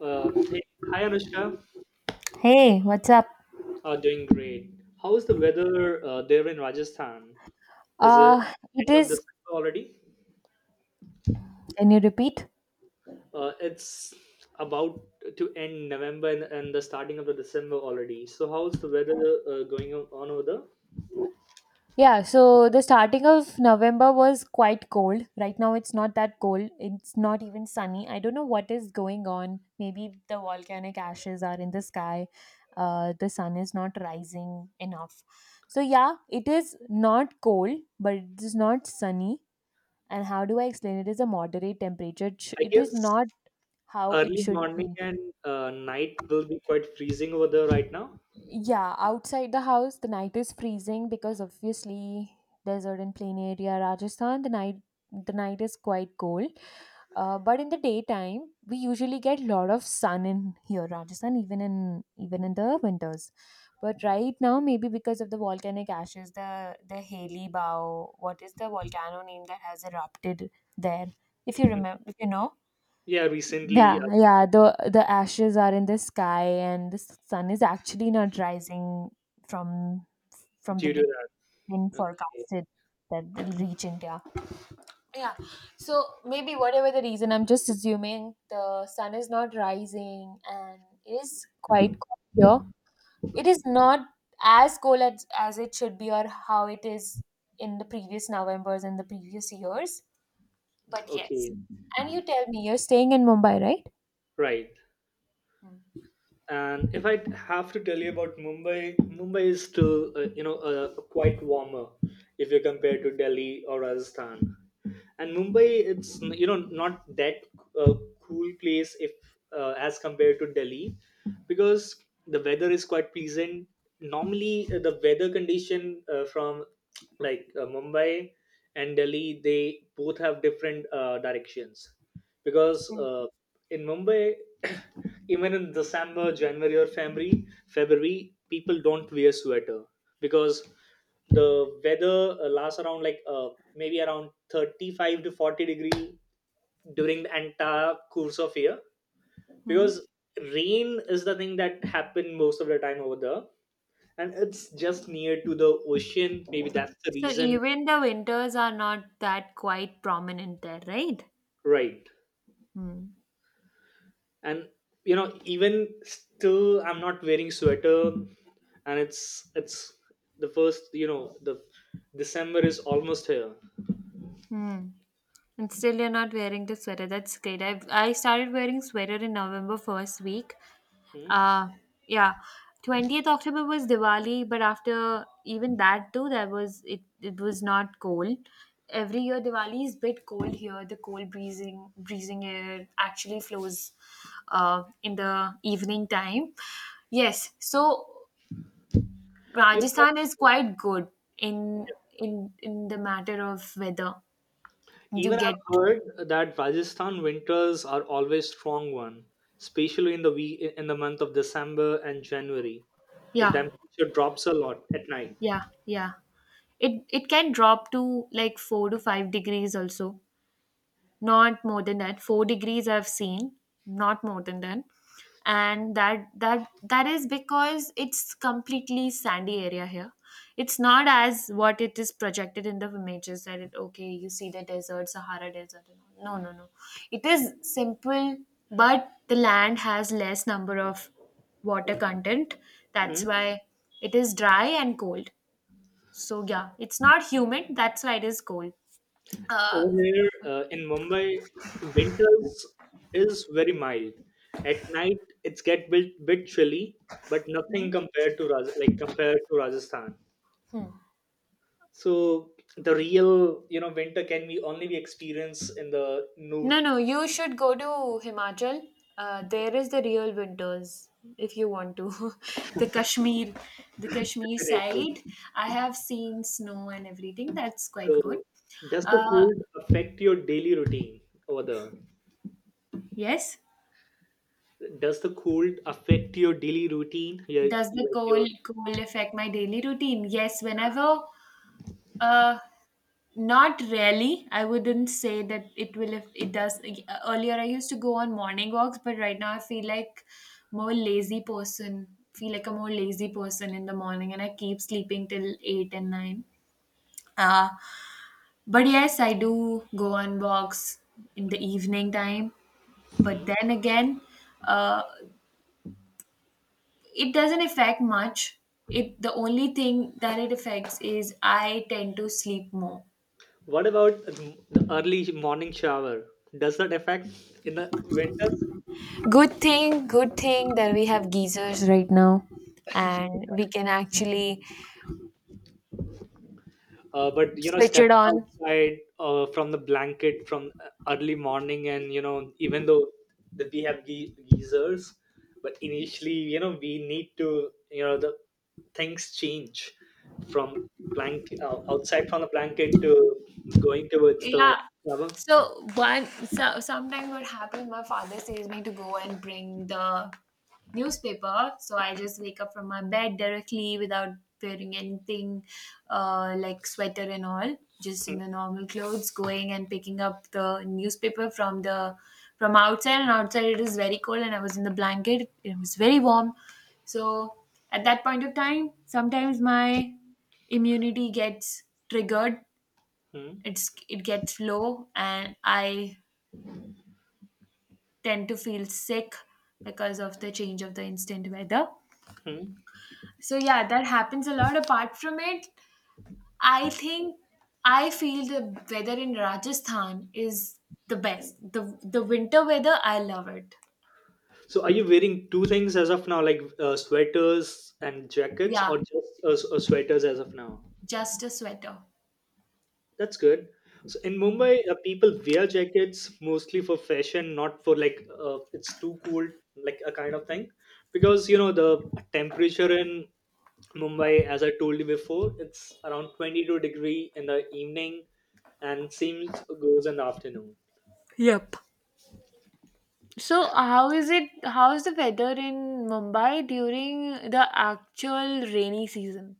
Hey, hi Anushka. Hey, what's up? Doing great. How is the weather there in Rajasthan? Is it It end of is. December already? Can you repeat? It's about to end November and the starting of the December already. So how's the weather going on over there? Yeah, so the starting of November was quite cold. Right now, it's not that cold. It's not even sunny. I don't know what is going on. Maybe the volcanic ashes are in the sky. The sun is not rising enough. So, yeah, it is not cold, but it is not sunny. And how do I explain it? It is a moderate temperature. I It guess is not how it early should morning be. and night will be quite freezing over there right now. Yeah, outside the house, the night is freezing because obviously desert and plain area, Rajasthan, the night is quite cold. But in the daytime, we usually get lot of sun in here, Rajasthan, even in the winters. But right now, maybe because of the volcanic ashes, the Haley Bow, what is the volcano name that has erupted there? If you remember, if you know. Yeah, recently Yeah, yeah. The ashes are in the sky, and the sun is actually not rising from the due to day that. being Okay, forecasted that will reach India. Yeah. So maybe whatever the reason, I'm just assuming the sun is not rising, and it is quite cold here. It is not as cold as it should be, or how it is in the previous Novembers and the previous years. But yes. okay, And you tell me, you're staying in Mumbai, right. right? And if I have to tell you about Mumbai, Mumbai is still, quite warmer if you compare to Delhi or Rajasthan. And Mumbai, it's not that uh, cool place if as compared to Delhi, because the weather is quite pleasant. Normally, the weather condition from Mumbai and Delhi, they both have different directions, because in Mumbai even in December, January, or February, people don't wear sweater because the weather lasts around maybe around 35 to 40 degree during the entire course of year Hmm? because rain is the thing that happen most of the time over there, and it's just near to the ocean, maybe that's the So reason even the winters are not that quite prominent there, right? right. Hmm. And even still I'm not wearing sweater, and it's the first the December is almost here. Hmm. And still you're not wearing the sweater. That's great. I started wearing sweater in November first week. Hmm. Uh yeah. 20th October was Diwali, but after even that too, there was it was not cold. Every year Diwali is bit cold here. The cold breezing air actually flows in the evening time. Yes. So even, Rajasthan is quite good in in the matter of weather. You even I've get heard that Rajasthan winters are always strong one, especially in the week in the month of December and January, the yeah, temperature drops a lot at night. yeah, yeah. It can drop to like 4 to 5 degrees also. Not more than that. 4 degrees I've seen, not more than that. And that is because it's completely sandy area here. It's not as what it is projected in the images that it okay, you see the desert, Sahara desert. And all. No, no, no. It is simple, but the land has less number of water content. That's Hmm? why it is dry and cold. So yeah, it's not humid. That's why it is cold. Uh, Over here in Mumbai, winters is very mild. At night, it's get bit chilly, but nothing compared to compared to Rajasthan. So the real winter can be only be experienced in the north. No, no, you should go to Himachal. There is the real winters if you want to. The Kashmir, the Kashmir Definitely. side. I have seen snow and everything. That's quite good. So does the Uh, cold affect your daily routine over there? yes. Does the cold affect your daily routine? Yeah, Does the like your. cold affect my daily routine? Yes. Whenever Uh, not really. I wouldn't say that it will if it does. Earlier, I used to go on morning walks, but right now I feel like more lazy person. Feel like a more lazy person in the morning, and I keep sleeping till eight and nine. Uh, but yes, I do go on walks in the evening time. But Hmm? then again, uh, it doesn't affect much. It the only thing that it affects is I tend to sleep more. What about the early morning shower? Does that affect in the winters? Good thing that we have geysers right now and we can actually But switch it stepping on. outside from the blanket from early morning, and even though that we have geysers, but initially, we need to, the things change from blank outside from the blanket to going towards the Yeah. shower. So sometimes what happens, my father says me to go and bring the newspaper. So I just wake up from my bed directly without wearing anything like sweater and all, just in Hmm, the normal clothes, going and picking up the newspaper from the from outside. And outside it is very cold, and I was in the blanket. It was very warm. So at that point of time, sometimes my immunity gets triggered, hmm, it gets low and I tend to feel sick because of the change of the instant weather. hmm. So yeah, that happens a lot. Apart from it, I think I feel the weather in Rajasthan is the best. The winter weather, I love it. So, are you wearing two things as of now, like sweaters and jackets, Yeah, or just sweaters as of now? just a sweater. That's good. So, in Mumbai, people wear jackets mostly for fashion, not for it's too cold, like a kind of thing. Because the temperature in Mumbai, as I told you before, it's around 22 degree in the evening and seems goes in the afternoon. Yep. So how is it how is the weather in Mumbai during the actual rainy season?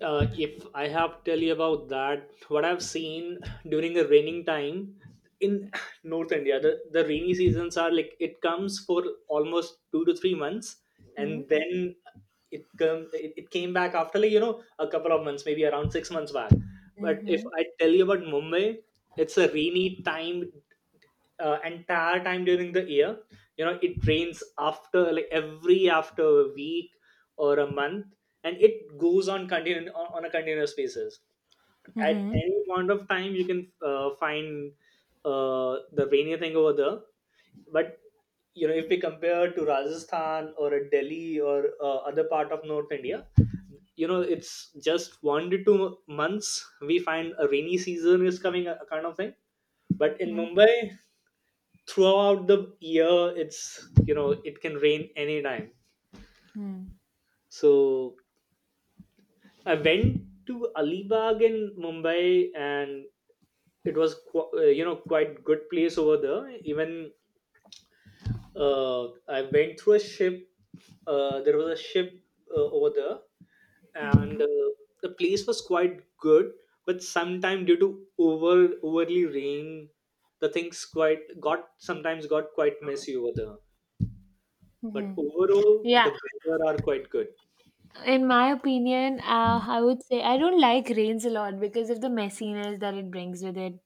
If I have to tell you about that, what I've seen during the raining time in North India, the rainy seasons are like it comes for almost 2 to 3 months, Mm-hmm. and then it came back after like a couple of months, maybe around 6 months back. But if Mm-hmm. I tell you about Mumbai, it's a rainy time entire time during the year. You know it rains after like every after a week or a month, and it goes on on a continuous basis. At any point of time, you can find the rainy thing over there. But you know if we compare to Rajasthan or a Delhi or other part of North India, you know it's just 1 to 2 months we find a rainy season is coming, a kind of thing. But in Mumbai, throughout the year, it's it can rain anytime. Mm-hmm. So I went to Alibag in Mumbai, and it was quite good place over there. Even uh, I went through a ship. There was a ship over there, and the place was quite good. But sometime due to over overly rain, the things quite got sometimes got quite messy over there, but overall Yeah. the weather are quite good. In my opinion, I would say I don't like rains a lot because of the messiness that it brings with it.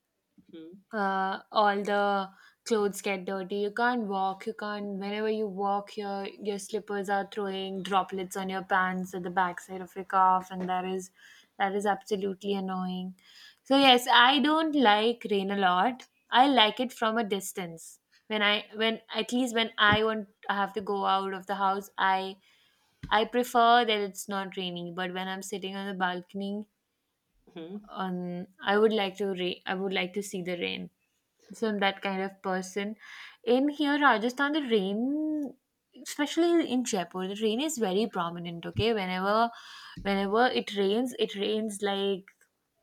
Mm-hmm. All the clothes get dirty. You can't walk. You can't. Whenever you walk, your slippers are throwing droplets on your pants at the backside of your calf, and that is absolutely annoying. So yes, I don't like rain a lot. I like it from a distance. When at least when I want I have to go out of the house, I prefer that it's not raining, but when I'm sitting on the balcony, on I would like to I would like to see the rain. So I'm that kind of person. In here, Rajasthan, the rain, especially in Jaipur, the rain is very prominent. Okay, whenever it rains like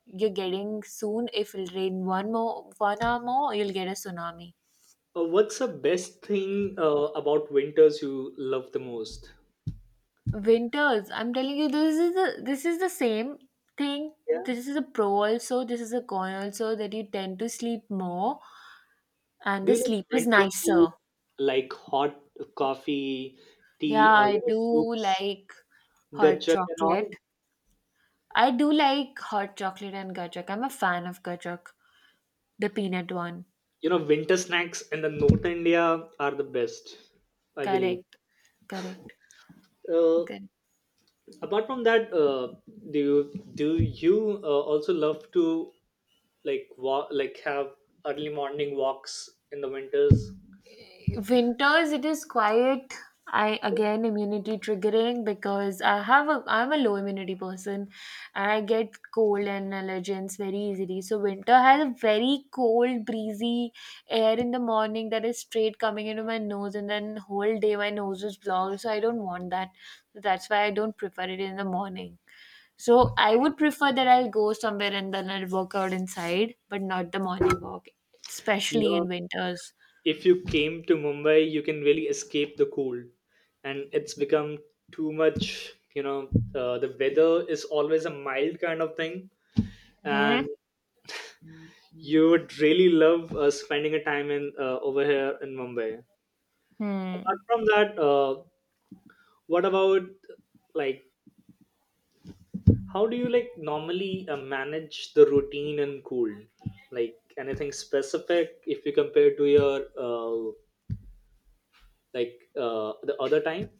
you're getting soon. If it rain one hour more, you'll get a tsunami. What's the best thing about winters you love the most? Winters, I'm telling you, this is the same thing. Yeah. This is a pro also, this is a con also, that you tend to sleep more and Do the you like sleep is winter food nicer. like hot coffee, Yeah, tea, or I do soups, like hot gajak and chocolate. all? I do like hot chocolate and Gajak, I'm a fan of gajak, the peanut one. You know winter snacks in the North India are the best, I believe. Correct, correct. Uh, Correct. Apart from that, do you also love to like walk, like have early morning walks in the winters? Winters, it is quiet. I again immunity triggering because I have a I'm a low immunity person and I get cold and allergens very easily. So winter has a very cold breezy air in the morning that is straight coming into my nose and then whole day my nose is blocked, so I don't want that. So that's why I don't prefer it in the morning. So I would prefer that I'll go somewhere and then I'll work out inside, but not the morning walk, You especially know, in winters. if you came to Mumbai, you can really escape the cold, and it's become too much. The weather is always a mild kind of thing, Hmm. and you would really love spending a time in over here in Mumbai. Apart Hmm. from that, what about like how do you like normally manage the routine in cold? Like anything specific if you compare to your the other time?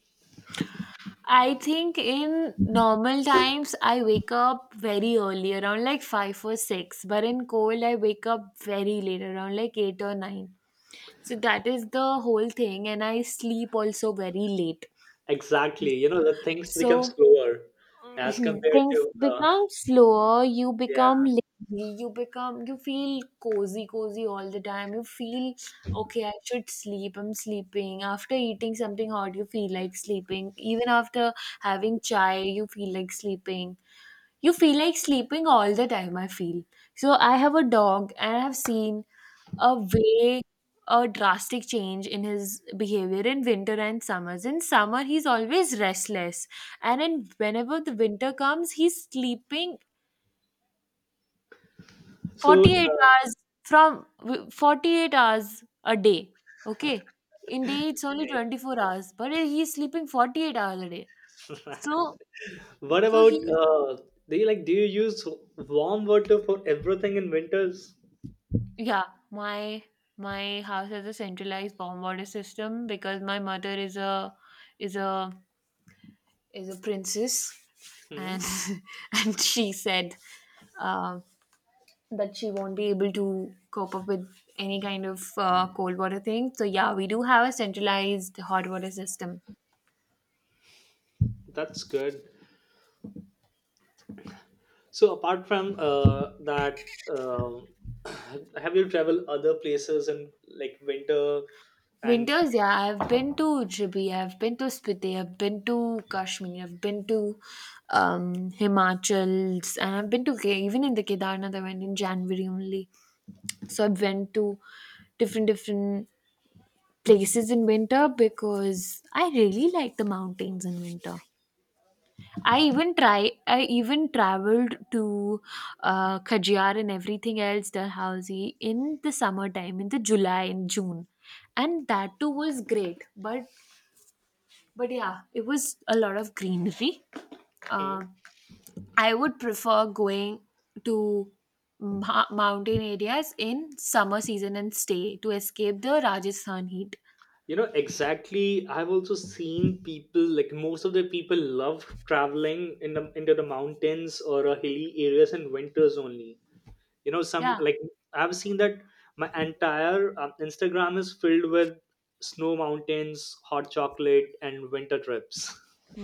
I think in normal times I wake up very early around like 5 or 6, but in cold I wake up very late around like 8 or 9. So that is the whole thing, and I sleep also very late. Exactly. You know, the things become So slower as compared things to become slower, you become yeah. lazy, you become you feel cozy cozy all the time, you feel okay I should sleep I'm sleeping after eating something hot, you feel like sleeping even after having chai, you feel like sleeping, you feel like sleeping all the time, I feel. So I have a dog and I have seen a way a drastic change in his behavior in winter and summers. In summer he's always restless, and in whenever the winter comes he's sleeping So, 48 hours. From 48 hours a day, okay, in day it's only 24 hours but he's sleeping 48 hours a day. okay. so What so about he's do you use warm water for everything in winters? yeah, my house has a centralized warm water system because my mother is a is a is a princess, and Hmm, and she said uh, that she won't be able to cope up with any kind of cold water thing. So yeah, we do have a centralized hot water system. that's good. So, apart from that, have you traveled other places in like winter and? Winters, yeah, I've been to Jibi, I've been to Spiti, I've been to Kashmir, I've been to Himachals, and I've been to even in the Kedarnath I went in January only. So I went to different different places in winter because I really like the mountains in winter. I even try. I even traveled to Khajiar and everything else, Dalhousie, in the summertime, in the July and June, and that too was great. But yeah, it was a lot of greenery. Uh, Hmm? I would prefer going to mountain areas in summer season and stay to escape the Rajasthan heat. You know, exactly. I've also seen people, like most of the people love traveling in the into the mountains or hilly areas in winters only. You know, some Yeah, like I've seen that my entire Instagram is filled with snow mountains, hot chocolate, and winter trips.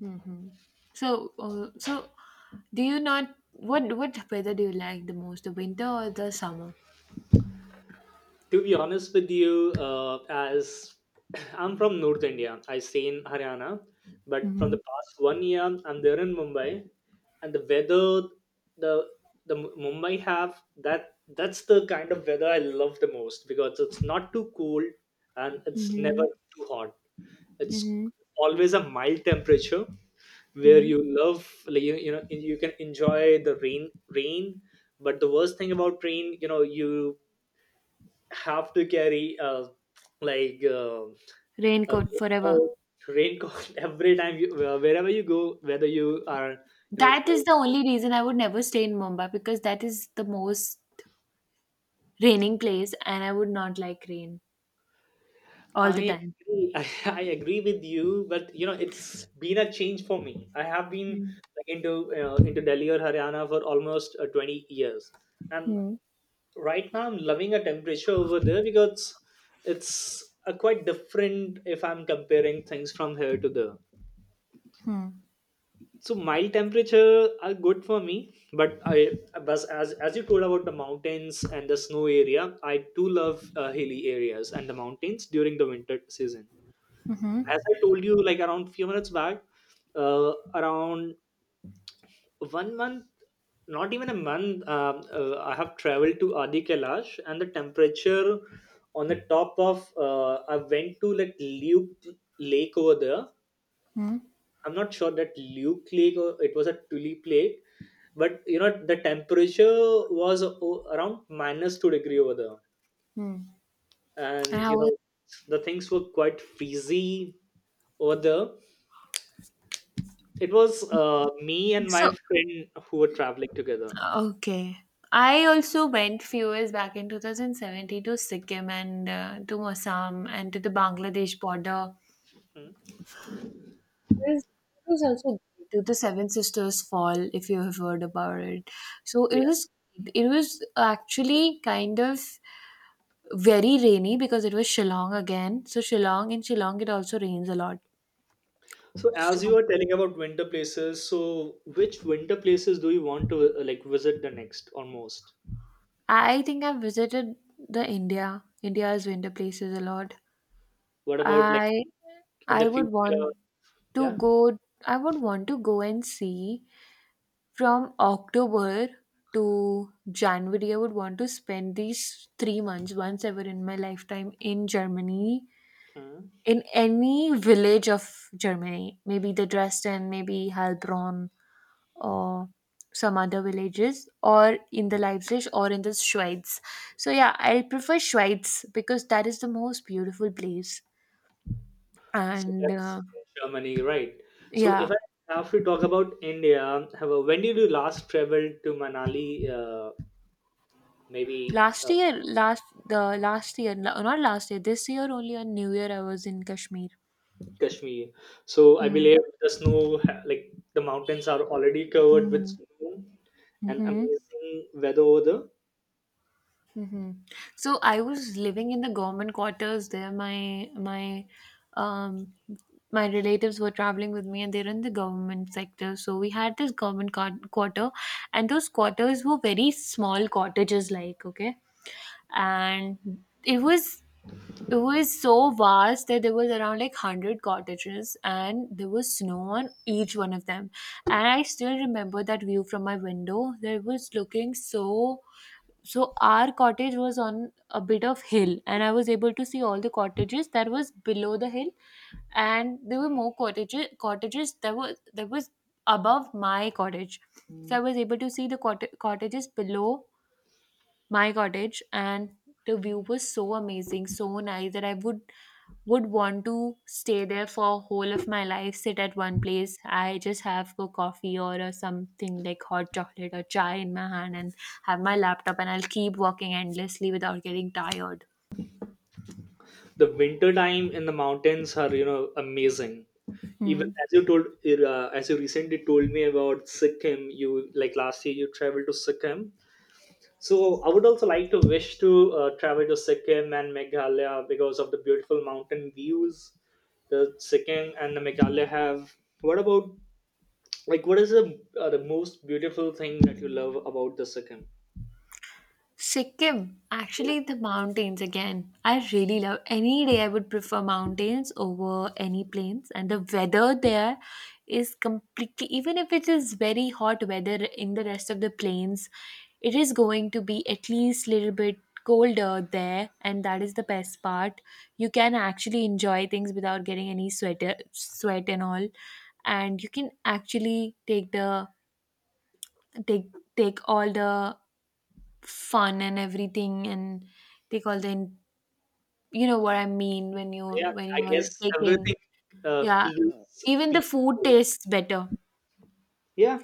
hmm. So, so do you not what what weather do you like the most, the winter or the summer? To be honest with you, as I'm from North India, I stay in Haryana, but from Mm-hmm. the past 1 year, I'm there in Mumbai, and the weather, the Mumbai have that's the kind of weather I love the most because it's not too cold and it's Mm-hmm. never too hot. It's Mm-hmm. always a mild temperature where Mm-hmm. you love like you know you can enjoy the rain. But the worst thing about rain, you know you have to carry like uh, a Raincoat forever. raincoat every time you wherever you go, whether you are you know. That is the only reason I would never stay in Mumbai because that is the most raining place, and I would not like rain all the I time. agree. I agree with you, but you know it's been a change for me. I have been Hmm. like, into into Delhi or Haryana for almost 20 years, and Hmm. right now I'm loving a temperature over there because it's a quite different if I'm comparing things from here to there. Mm-hmm. So mild temperature are good for me, but I but as you told about the mountains and the snow area, I too love hilly areas and the mountains during the winter season, as I told you like around few minutes back. uh, Around 1 month, not even a month, I have traveled to Adi Kailash, and the temperature on the top of I went to like Luke lake over there. I'm not sure that Luke Lake or it was a tulip Lake, but you know the temperature was around -2 degree over there, And and I you was know the things were quite freezy over there. It was me and my so. friend who were traveling together. Okay. I also went few years back in 2017 to Sikkim and to Assam and to the Bangladesh border. Hmm. It was, it was also great, to the Seven Sisters Fall, if you have heard about it. So Yeah. It was actually kind of very rainy because it was Shillong again. So Shillong in Shillong it also rains a lot. So So as you were telling about winter places, so which winter places do you want to like visit the next or most? I think I've visited the India's winter places a lot. What about like I in the I would future? want Yeah. to go I would want to go and see from October to January. I would want to spend these 3 months once ever in my lifetime in Germany, Hmm. in any village of Germany. Maybe the Dresden, maybe Heilbronn or some other villages or in the Leipzig or in the Schweiz. So yeah, I prefer Schweiz because that is the most beautiful place So and that's Germany, right? So if yeah. I have to talk about India, when did you last travel to Manali? Maybe Last uh, year, last the last year, not last year, this year only on New Year I was in Kashmir. Kashmir. So I Hmm. believe the snow, like the mountains, are already covered with Hmm. snow and Mm-hmm. amazing weather over there. Mm-hmm. So I was living in the government quarters there. My um my relatives were traveling with me and they're in the government sector. So we had this government quarter, and those quarters were very small cottages like, okay? And it was it was so vast that there was around like 100 cottages and there was snow on each one of them, and I still remember that view from my window that was looking so so our cottage was on a bit of hill, and I was able to see all the cottages that was below the hill, and there were more cottages that was above my cottage. So I was able to see the cottages below my cottage, and the view was so amazing so nice that I would want to stay there for whole of my life, sit at one place, I just have a coffee or a something like hot chocolate or chai in my hand and have my laptop and I'll keep working endlessly without getting tired. The winter time in the mountains are amazing. Even Hmm. as you told, as you recently told me about Sikkim, you like last year you traveled to Sikkim. So I would also like to wish to travel to Sikkim and Meghalaya because of the beautiful mountain views the Sikkim and the Meghalaya have. What about like what is the most beautiful thing that you love about the Sikkim? Sikkim, Yeah, actually the mountains again. I really love any day I would prefer mountains over any plains, and the weather there is completely even if it is very hot weather in the rest of the plains, it is going to be at least little bit colder there, and that is the best part. You can actually enjoy things without getting any sweat and all, and you can actually take take all the fun and everything and take all the you know what I mean when yeah. I you're guess taking everything yeah feels even the food peaceful. tastes better Yeah,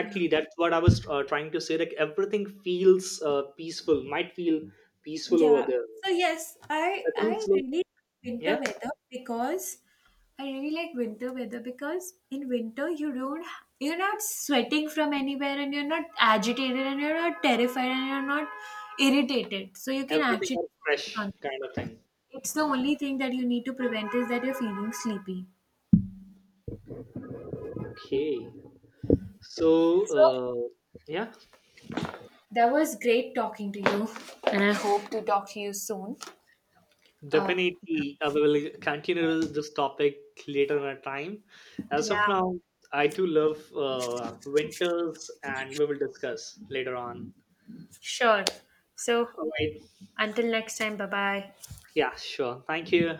yeah. That's what I was trying to say. Like everything feels peaceful. Might feel peaceful over Yeah. there. So yes, I think I so. really like winter Yeah, weather because I really like winter weather because in winter you don't you're not sweating from anywhere and you're not agitated and you're not terrified and you're not irritated. So you can everything actually are focus fresh on kind of thing. it's the only thing that you need to prevent is that you're feeling sleepy. Okay. So, So yeah, that was great talking to you, and I hope to talk to you soon. Uh, definitely. We will continue this topic later in a time. As of yeah, now, I too love winters, and we will discuss later on. sure. So All right. until next time, bye bye. Yeah, sure. Thank you.